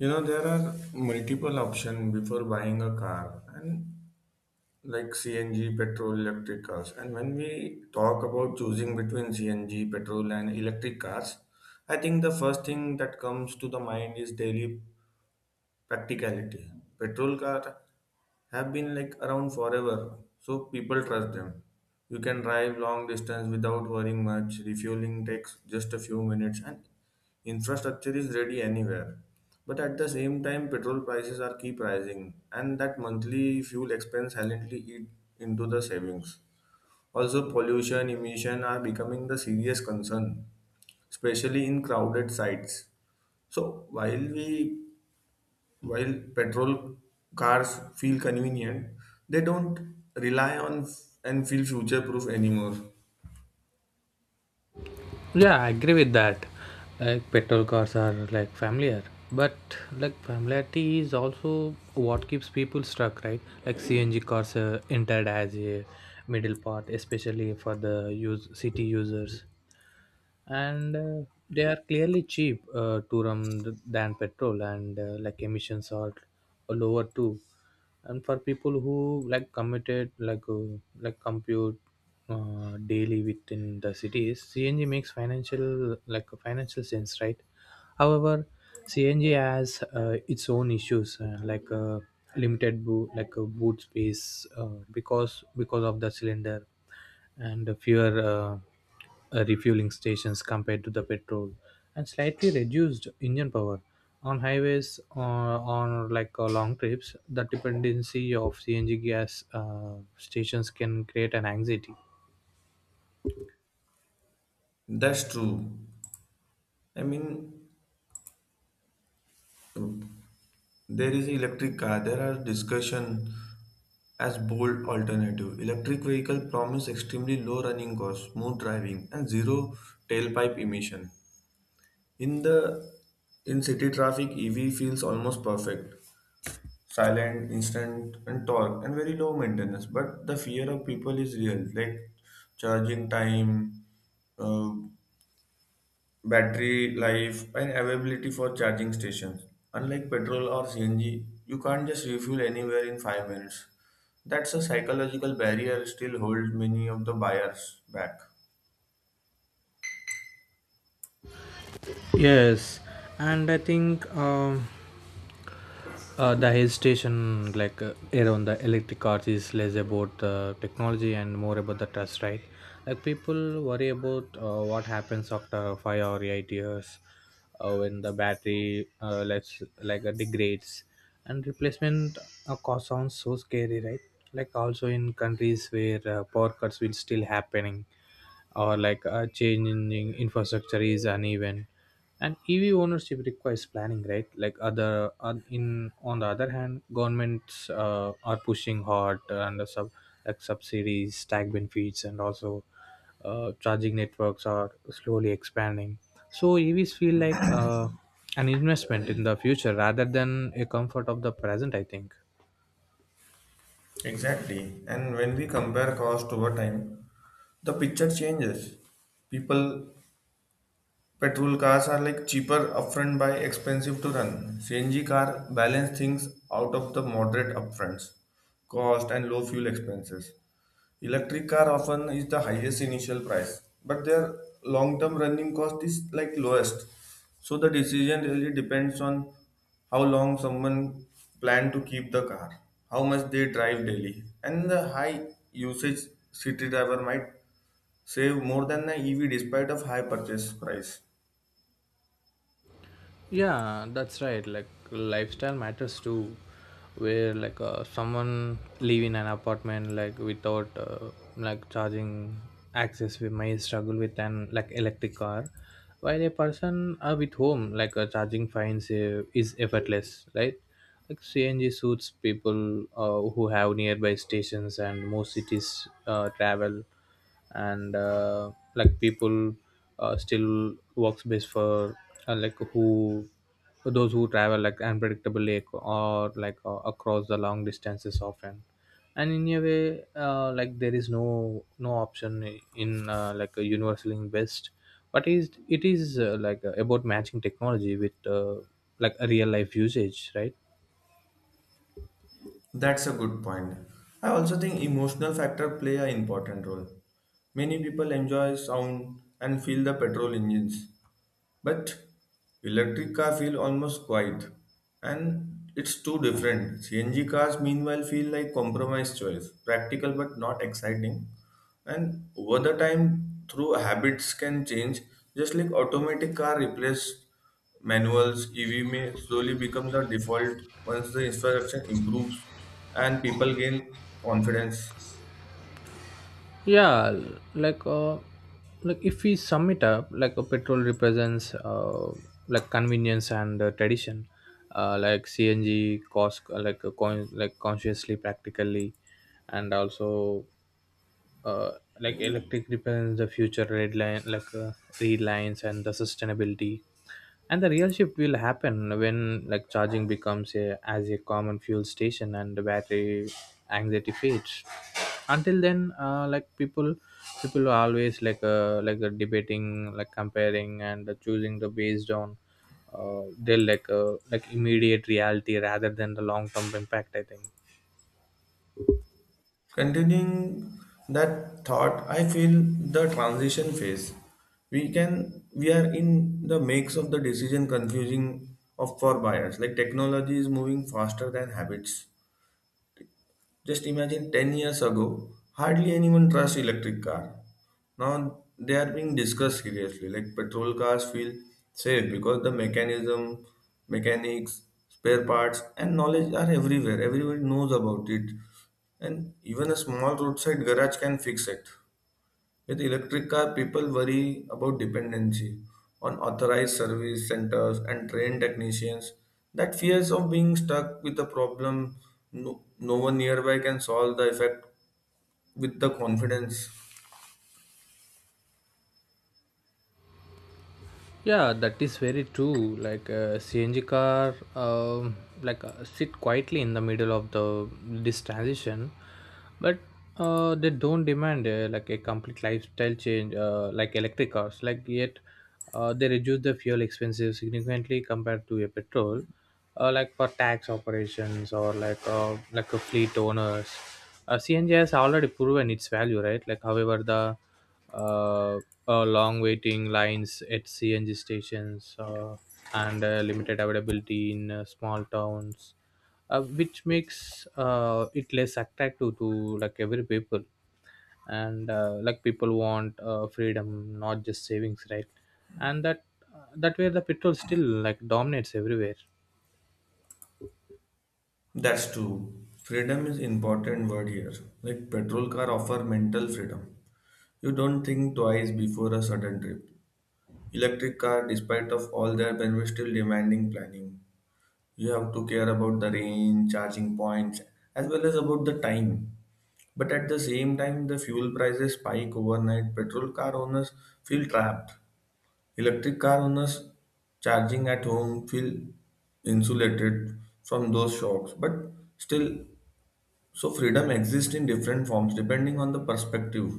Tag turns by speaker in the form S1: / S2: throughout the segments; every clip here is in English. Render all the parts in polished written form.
S1: There are multiple options before buying a car and like CNG, petrol, electric cars. And when we talk about choosing between CNG, petrol and electric cars, I think the first thing that comes to the mind is daily practicality. Petrol car have been like around forever, so people trust them. You can drive long distance without worrying much. Refueling takes just a few minutes, and infrastructure is ready anywhere. But at the same time, petrol prices are keep rising, and that monthly fuel expense silently eat into the savings. Also, pollution emission are becoming the serious concern, especially in crowded sites. So while we while petrol cars feel convenient, they don't rely on f- and feel future proof anymore.
S2: Yeah, I agree with that. Like petrol cars are like familiar, but like familiarity is also what keeps people stuck, right? Like CNG cars entered as a middle part, especially for the use city users and they are clearly cheap to run than petrol, and like emissions are lower too. And for people who like committed like compute daily within the cities, CNG makes financial financial sense, right? However, CNG has its own issues like limited boot, like boot space because of the cylinder, and fewer refueling stations compared to the petrol, and slightly reduced engine power on highways or on like long trips. The dependency of CNG gas stations can create an anxiety.
S1: That's true. I mean, there is electric car. There are discussion as bold alternative. Electric vehicle promise extremely low running costs, smooth driving, and zero tailpipe emission. In the in city traffic, EV feels almost perfect. Silent, instant, and torque, and very low maintenance. But the fear of people is real, like charging time, uh, battery life, and availability for charging stations. Unlike petrol or CNG, you can't just refuel anywhere in 5 minutes. That's a psychological barrier still holds many of the buyers back.
S2: Yes, and I think the hesitation like around the electric cars is less about the technology and more about the trust, right? Like people worry about what happens after 5 or 8 years when the battery less, like degrades, and replacement cost sounds so scary, right? Like also in countries where power cuts will still happening, or like change in infrastructure is uneven, and EV ownership requires planning, right? Like other on in on the other hand, governments are pushing hard and sub like subsidies, tax benefits, and also charging networks are slowly expanding, so EVs feel like an investment in the future rather than a comfort of the present, I think.
S1: Exactly, and when we compare cost over time, the picture changes. People Petrol cars are like cheaper upfront but expensive to run. CNG car balance things out of the moderate upfronts, cost and low fuel expenses. Electric car often is the highest initial price, but their long-term running cost is like lowest. So the decision really depends on how long someone plan to keep the car, how much they drive daily, and the high usage city driver might save more than the EV despite of high purchase price.
S2: Yeah, that's right. Like lifestyle matters too, where like someone live in an apartment like without like charging access, we may struggle with an like electric car, while a person with home like charging finds is effortless, right? Like cng suits people who have nearby stations and most cities travel, and like people still works best for like who those who travel like unpredictably or like across the long distances often. And in a way like there is no option in like a universally in best, but is it is like about matching technology with like a real life usage, right?
S1: That's a good point. I also think emotional factor play an important role. Many people enjoy sound and feel the petrol engines, but electric car feel almost quiet and it's too different. CNG cars meanwhile feel like compromise choice, practical but not exciting. And over the time through habits can change, just like automatic car replace manuals, EV may slowly become the default once the infrastructure improves and people gain confidence.
S2: Yeah, like uh, like if we sum it up like a petrol represents like convenience and tradition. Like CNG cost like a like consciously practically, and also uh, like electric depends the future red line, like red lines and the sustainability. And the real shift will happen when like charging becomes a, as a common fuel station, and the battery anxiety fades. Until then like people are always like debating, like comparing and choosing the based on their like immediate reality rather than the long term impact, I think.
S1: Continuing that thought, I feel the transition phase. We are in the makes of the decision confusing of for buyers. Like technology is moving faster than habits. Just imagine 10 years ago, hardly anyone trusts electric car. Now they are being discussed seriously. Like petrol cars feel safe because the mechanism, mechanics, spare parts, and knowledge are everywhere. Everybody knows about it, and even a small roadside garage can fix it. With electric car, people worry about dependency on authorized service centers and trained technicians. That fears of being stuck with a problem no one nearby can solve the effect with the confidence.
S2: Yeah, that is very true. Like CNG car, like sit quietly in the middle of the this transition, but they don't demand like a complete lifestyle change like electric cars. Like yet, they reduce the fuel expenses significantly compared to a petrol, like for tax operations or like a fleet owners. CNG has already proven its value, right? Like, however, the uh, long waiting lines at CNG stations and limited availability in small towns, which makes it less attractive to like every people. And like people want freedom, not just savings, right? And that way the petrol still like dominates everywhere.
S1: That's true. Freedom is important word here. Like petrol car offer mental freedom. You don't think twice before a sudden trip. Electric car, despite of all their benefits, still demanding planning. You have to care about the range, charging points, as well as about the time. But at the same time, the fuel prices spike overnight. Petrol car owners feel trapped. Electric car owners charging at home feel insulated from those shocks. But still, so freedom exists in different forms depending on the perspective.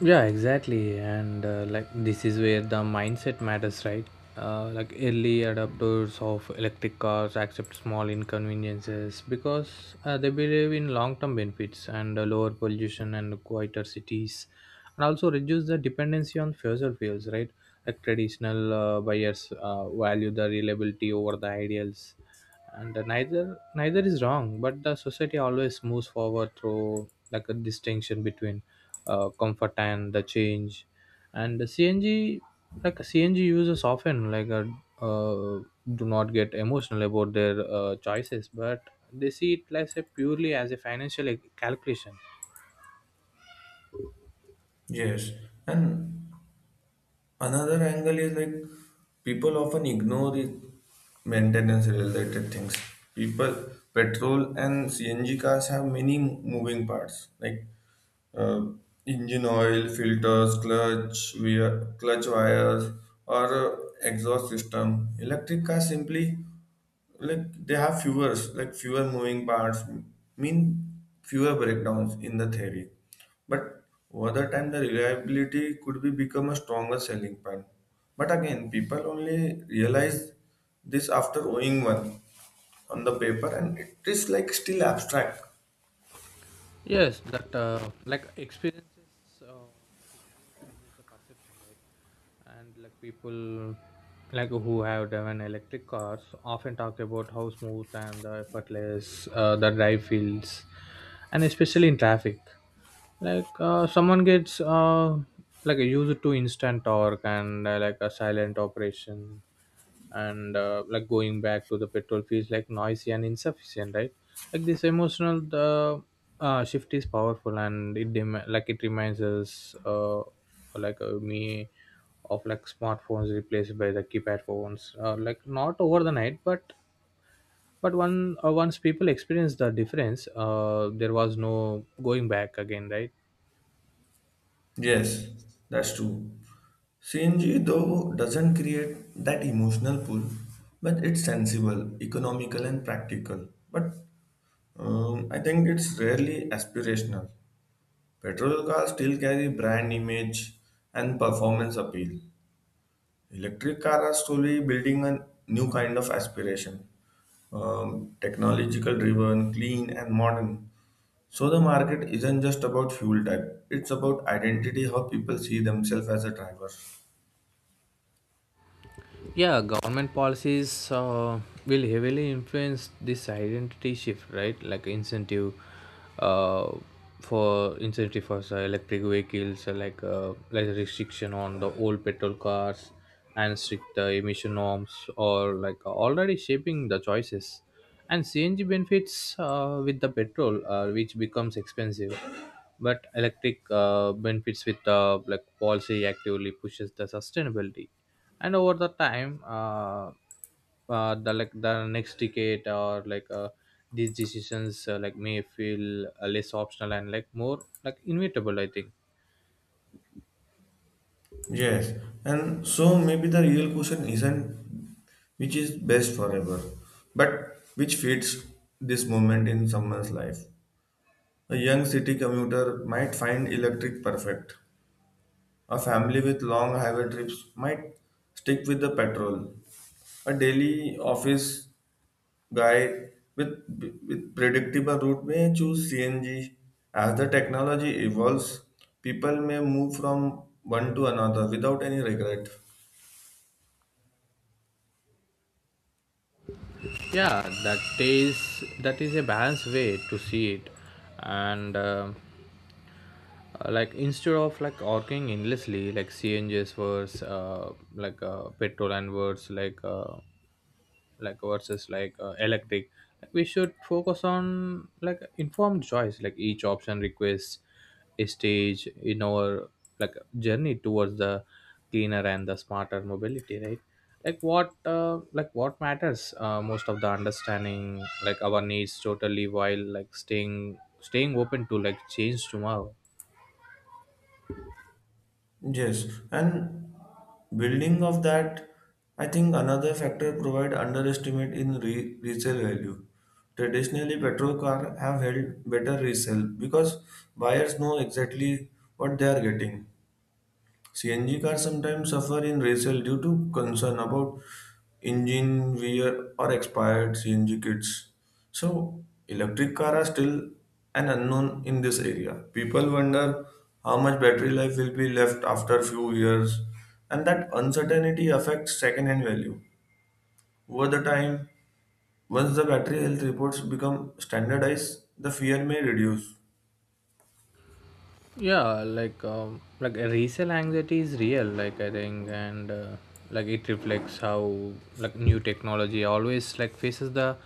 S2: Yeah, exactly, and like this is where the mindset matters, right? Like early adopters of electric cars accept small inconveniences because they believe in long-term benefits and lower pollution and quieter cities, and also reduce the dependency on fossil fuels, right? Like traditional buyers value the reliability over the ideals, and neither is wrong, but the society always moves forward through like a distinction between comfort and the change. And the CNG, like cng users often like uh, do not get emotional about their choices, but they see it as a purely as a financial calculation.
S1: Yes, and another angle is like people often ignore the maintenance related things. People, petrol and CNG cars have many moving parts like uh, engine oil, filters, clutch, wear, clutch wires, or exhaust system. Electric cars simply like they have fewer moving parts mean fewer breakdowns in the theory, but over the time the reliability could be become a stronger selling point. But again, people only realize this after owning one. On the paper and it is like still abstract.
S2: Yes, that like experiences, uh, like experience changes the perception, right? And like people, like who have driven electric cars, often talk about how smooth and effortless the drive feels, and especially in traffic. Like someone gets like used to instant torque and like a silent operation, and like going back to the petrol feels like noisy and insufficient, right? Like this emotional the shift is powerful, and it like it reminds us like me of like smartphones replaced by the keypad phones like not over the night, but one once people experience the difference there was no going back again, right?
S1: Yes, that's true. CNG though doesn't create that emotional pull, but it's sensible, economical and practical. But I think it's rarely aspirational. Petrol cars still carry brand image and performance appeal. Electric cars are slowly building a new kind of aspiration, technological driven, clean, and modern. So the market isn't just about fuel type; it's about identity, how people see themselves as a driver.
S2: Yeah, government policies will heavily influence this identity shift, right? Like incentive uh, for incentive for electric vehicles like restriction on the old petrol cars and strict emission norms, or like already shaping the choices. And CNG benefits with the petrol which becomes expensive, but electric benefits with like policy actively pushes the sustainability. And over the time the like the next decade or like these decisions like may feel less optional and like more like inevitable, I think.
S1: Yes, and so maybe the real question isn't which is best forever, but which fits this moment in someone's life. A young city commuter might find electric perfect. A family with long highway trips might stick with the petrol. A daily office guy with, with predictable route may choose CNG. As the technology evolves, people may move from one to another without any regret.
S2: Yeah, that is a balanced way to see it. And like instead of like arguing endlessly, like CNGs versus like petrol and words like versus like electric, like we should focus on like informed choice. Like each option requests a stage in our like journey towards the cleaner and the smarter mobility, right? Like what like what matters most of the understanding like our needs totally while like staying open to like change tomorrow.
S1: Yes, and building of that, I think another factor provide underestimate in resale value. Traditionally, petrol car have held better resale because buyers know exactly what they are getting. CNG cars sometimes suffer in resale due to concern about engine wear or expired CNG kits. So, electric cars are still an unknown in this area. People wonder how much battery life will be left after few years, and that uncertainty affects second-hand value. Over the time, once the battery health reports become standardized, the fear may reduce.
S2: Yeah, like a resale anxiety is real like, I think. And like it reflects how like new technology always like faces the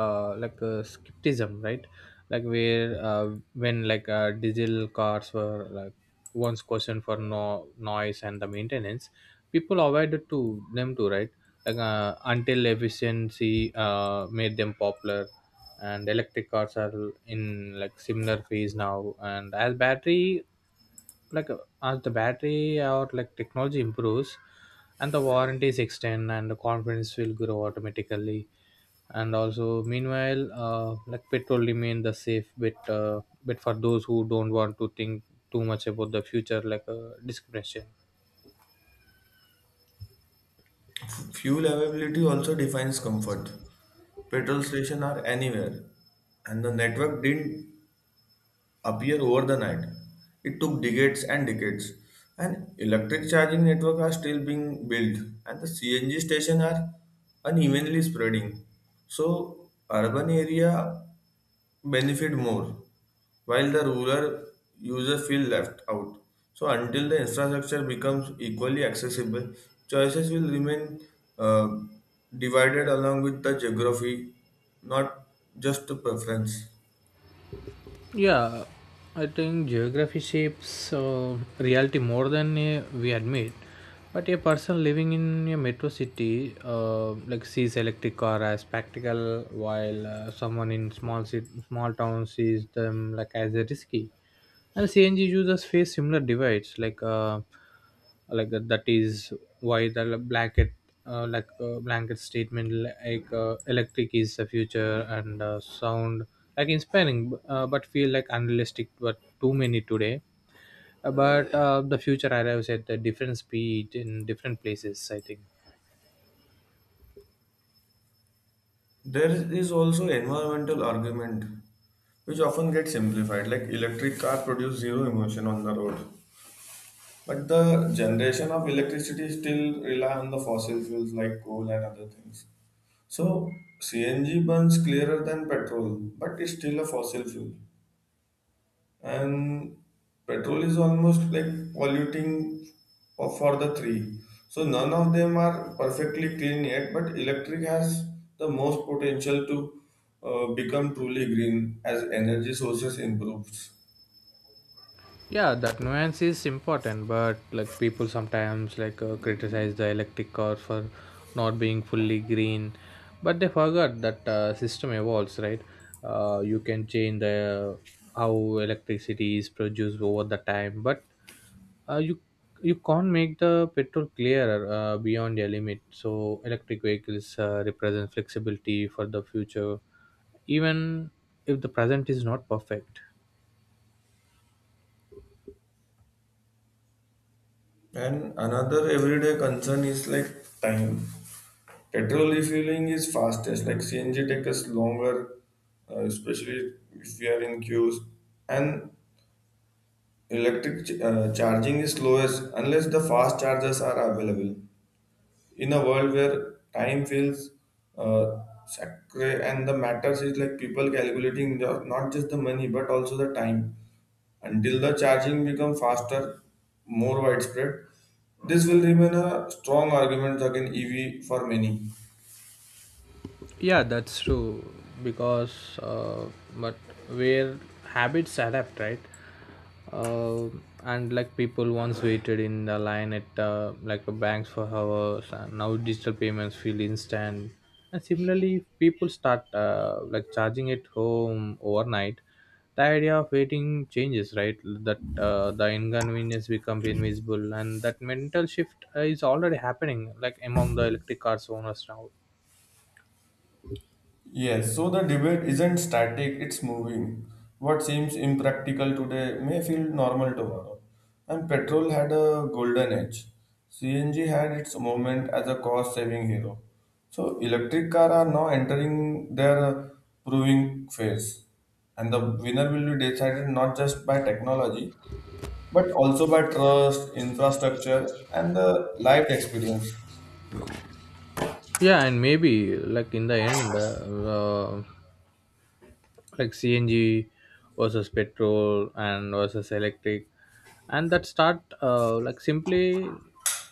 S2: like skepticism, right? Like where when like diesel cars were like once questioned for no noise and the maintenance, people avoided to them too, right? Like until efficiency made them popular, and electric cars are in like similar phase now. And as battery like as the battery or like technology improves, and the warranties extend, and the confidence will grow automatically. And also meanwhile like petrol remain the safe bet for those who don't want to think too much about the future, like discrimination.
S1: Fuel availability also defines comfort. Petrol stations are anywhere, and the network didn't appear overnight. It took decades and decades. And electric charging network are still being built, and the CNG stations are unevenly spreading. So urban area benefit more, while the rural user feel left out. So until the infrastructure becomes equally accessible, choices will remain uh, divided along with the geography, not just the preference.
S2: Yeah, I think geography shapes reality more than we admit. But a person living in a metro city like sees electric car as practical, while someone in small city, small town sees them like as a risky. And CNG users face similar divides like. Like that is why the blanket like blanket statement like electric is the future, and sound like inspiring but feel like unrealistic, but too many today. But the future arrives at a different speed in different places, I think.
S1: There is also environmental argument, which often gets simplified, like electric car produce zero emission on the road. But the generation of electricity still rely on the fossil fuels like coal and other things. So CNG burns clearer than petrol, but it's still a fossil fuel. And petrol is almost like polluting for the three. So none of them are perfectly clean yet, but electric has the most potential to become truly green as energy sources improves.
S2: Yeah, that nuance is important, but like people sometimes like criticize the electric car for not being fully green, but they forgot that system evolves, right? You can change the how electricity is produced over the time, but uh, you you can't make the petrol clearer beyond their limit. So electric vehicles represent flexibility for the future, even if the present is not perfect.
S1: And another everyday concern is like time. Petrol refueling is fastest, like CNG takes us longer, especially if we are in queues. And electric charging is slowest unless the fast chargers are available. In a world where time feels uh, sacred, and the matters is like people calculating the, not just the money but also the time. Until the charging becomes faster, more widespread, this will remain a strong argument against EV for many.
S2: Yeah, that's true. Because, but where habits adapt, right? Uh, and like people once waited in the line at like a banks for hours, and now digital payments feel instant. And similarly, if people start like charging at home overnight, the idea of waiting changes, right? That the inconvenience becomes invisible, and that mental shift is already happening, like among the electric cars owners now.
S1: Yes, so the debate isn't static, it's moving. What seems impractical today may feel normal tomorrow. And petrol had a golden age. CNG had its moment as a cost saving hero. So electric cars are now entering their proving phase. And the winner will be decided not just by technology but also by trust, infrastructure, and the lived experience.
S2: Yeah, and maybe like in the end, uh, like CNG versus petrol and versus electric, and that start like simply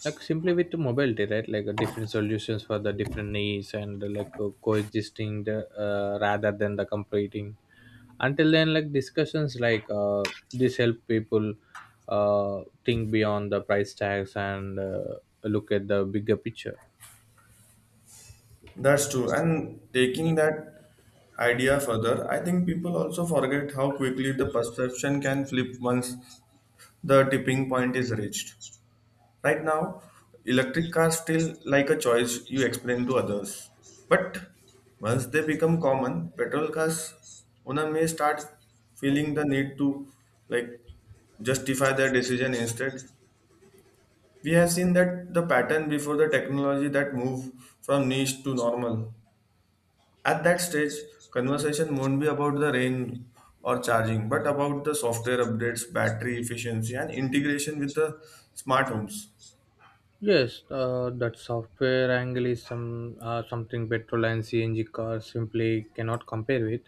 S2: simply with mobility, right? Like different solutions for the different needs, and like coexisting the, rather than the competing. Until then, like discussions like this help people think beyond the price tags and look at the bigger picture.
S1: That's true. And taking that idea further, I think people also forget how quickly the perception can flip once the tipping point is reached. Right now, electric cars still like a choice you explain to others. But once they become common, petrol cars owner may start feeling the need to like justify their decision instead. We have seen that the pattern before the technology that move from niche to normal. At that stage, conversation won't be about the range or charging, but about the software updates, battery efficiency, and integration with the smart homes.
S2: Yes, that software angle is some something petrol and CNG cars simply cannot compare with,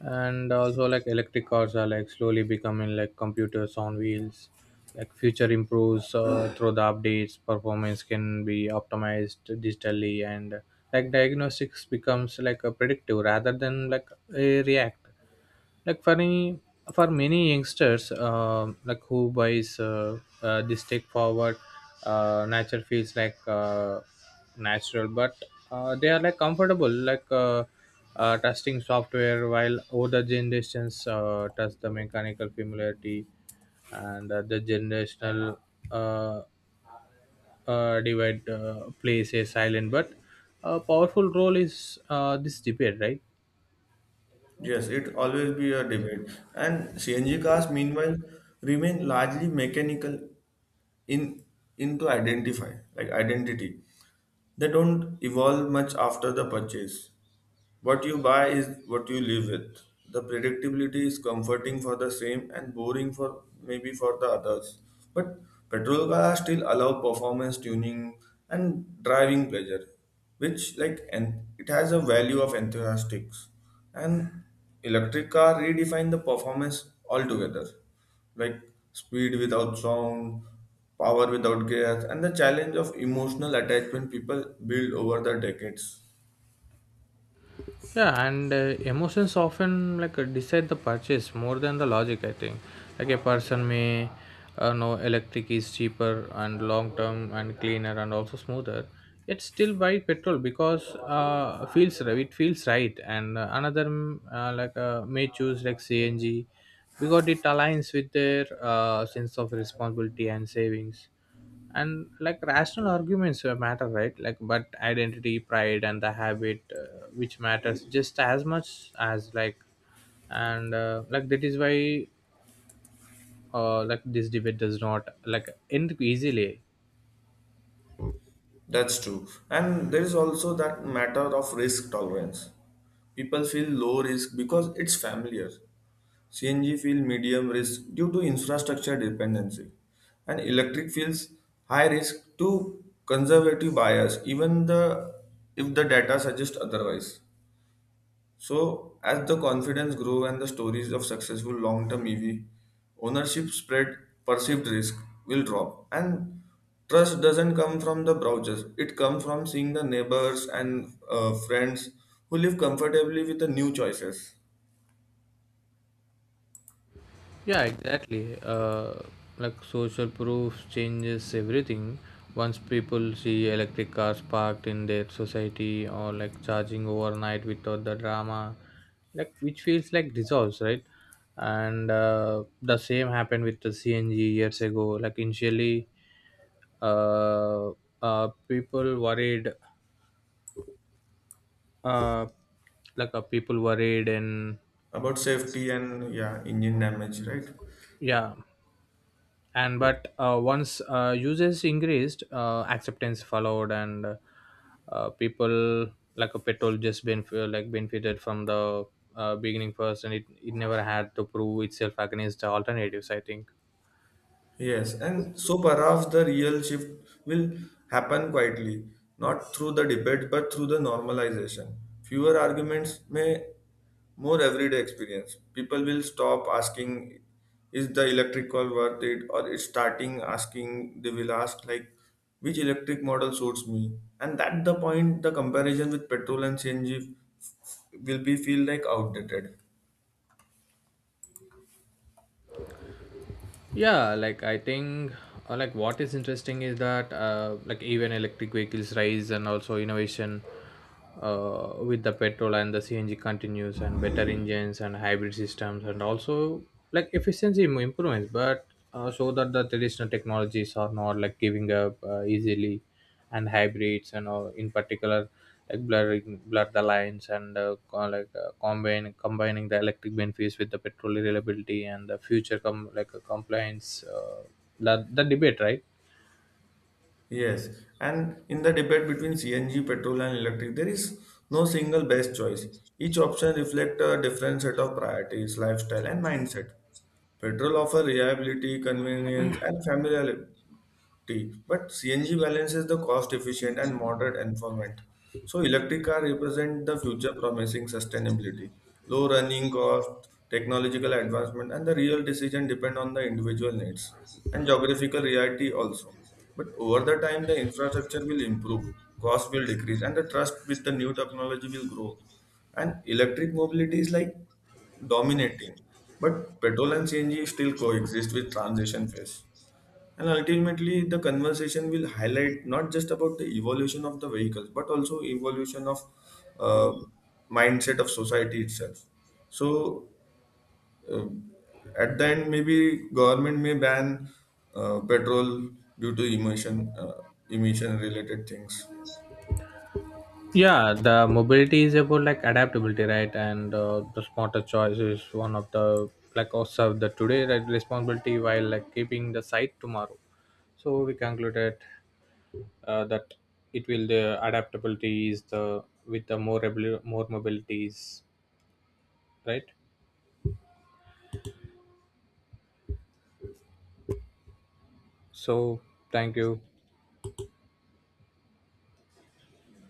S2: and also like electric cars are like slowly becoming like computers on wheels. Like future improves through the updates, performance can be optimized digitally, and like diagnostics becomes like a predictive rather than like a react like for any for many youngsters like who buys this take forward nature feels like natural, but they are like comfortable like testing software, while older generations test the mechanical familiarity. And the generational uh, divide plays a silent but a powerful role is this debate, right?
S1: Yes, it always be a debate. And CNG cars, meanwhile, remain largely mechanical in into identify like identity. They don't evolve much after the purchase. What you buy is what you live with. The predictability is comforting for the same and boring for maybe for the others. But petrol cars still allow performance tuning and driving pleasure, which like and it has a value of enthusiastics. And electric car redefine the performance altogether, like speed without sound, power without gas, and the challenge of emotional attachment people build over the decades.
S2: Yeah, and emotions often like decide the purchase more than the logic, I think. Like a person may know electric is cheaper and long term and cleaner and also smoother, yet still buy petrol because feels it feels right. And another like may choose like cng because it aligns with their sense of responsibility and savings. And like rational arguments matter, right? Like, but identity pride and the habit which matters just as much as like, and like that is why like this debate does not like end easily.
S1: That's true. And there is also that matter of risk tolerance. People feel low risk because it's familiar. CNG feel medium risk due to infrastructure dependency. And electric feels high risk to conservative bias, even the if the data suggests otherwise. So, as the confidence grew and the stories of successful long-term EV ownership spread, perceived risk will drop. And trust doesn't come from the browsers; it comes from seeing the neighbors and friends who live comfortably with the new choices
S2: Yeah, exactly. Like social proof changes everything. Once people see electric cars parked in their society or like charging overnight without the drama, like which feels like dissolves, right? And the same happened with the CNG years ago. Like initially, uh, uh, people worried, uh, people worried, and
S1: about safety and yeah, engine damage, right?
S2: yeah, and but once users increased acceptance followed, and people like a petrol just benefited from the beginning first, and it never had to prove itself against the alternatives, I think.
S1: Yes, and so perhaps the real shift will happen quietly, not through the debate but through the normalization. Fewer arguments may more everyday experience. People will stop asking, is the electric call worth it? Or it's starting asking, they will ask like, which electric model suits me? And at the point, the comparison with petrol and CNG will be feel like outdated.
S2: Yeah, like, I think like what is interesting is that like even electric vehicles rise, and also innovation with the petrol and the CNG continues, and better engines and hybrid systems, and also like efficiency improvements. But so that the traditional technologies are not like giving up easily. And hybrids and all in particular like blur the lines, and like combine combining the electric benefits with the petrol reliability and the future like compliance the debate, right?
S1: Yes, and in the debate between CNG, petrol, and electric, there is no single best choice. Each option reflects a different set of priorities, lifestyle, and mindset. Petrol offers reliability, convenience, and familiarity, T. But CNG balances the cost-efficient and moderate environment. So electric car represent the future promising sustainability, low running cost, technological advancement, and the real decision depend on the individual needs and geographical reality also. But over the time, the infrastructure will improve, cost will decrease, and the trust with the new technology will grow. And electric mobility is like dominating, but petrol and CNG still coexist with transition phase. And ultimately, the conversation will highlight not just about the evolution of the vehicles, but also evolution of uh, mindset of society itself. So, uh, at the end, maybe government may ban petrol due to emission emission related things.
S2: Yeah, the mobility is about like adaptability, right? And the smarter choice is one of the like also the today, right, responsibility while like keeping the sight tomorrow. So we concluded that it will the adaptability is the with the more more mobility is right. So thank you.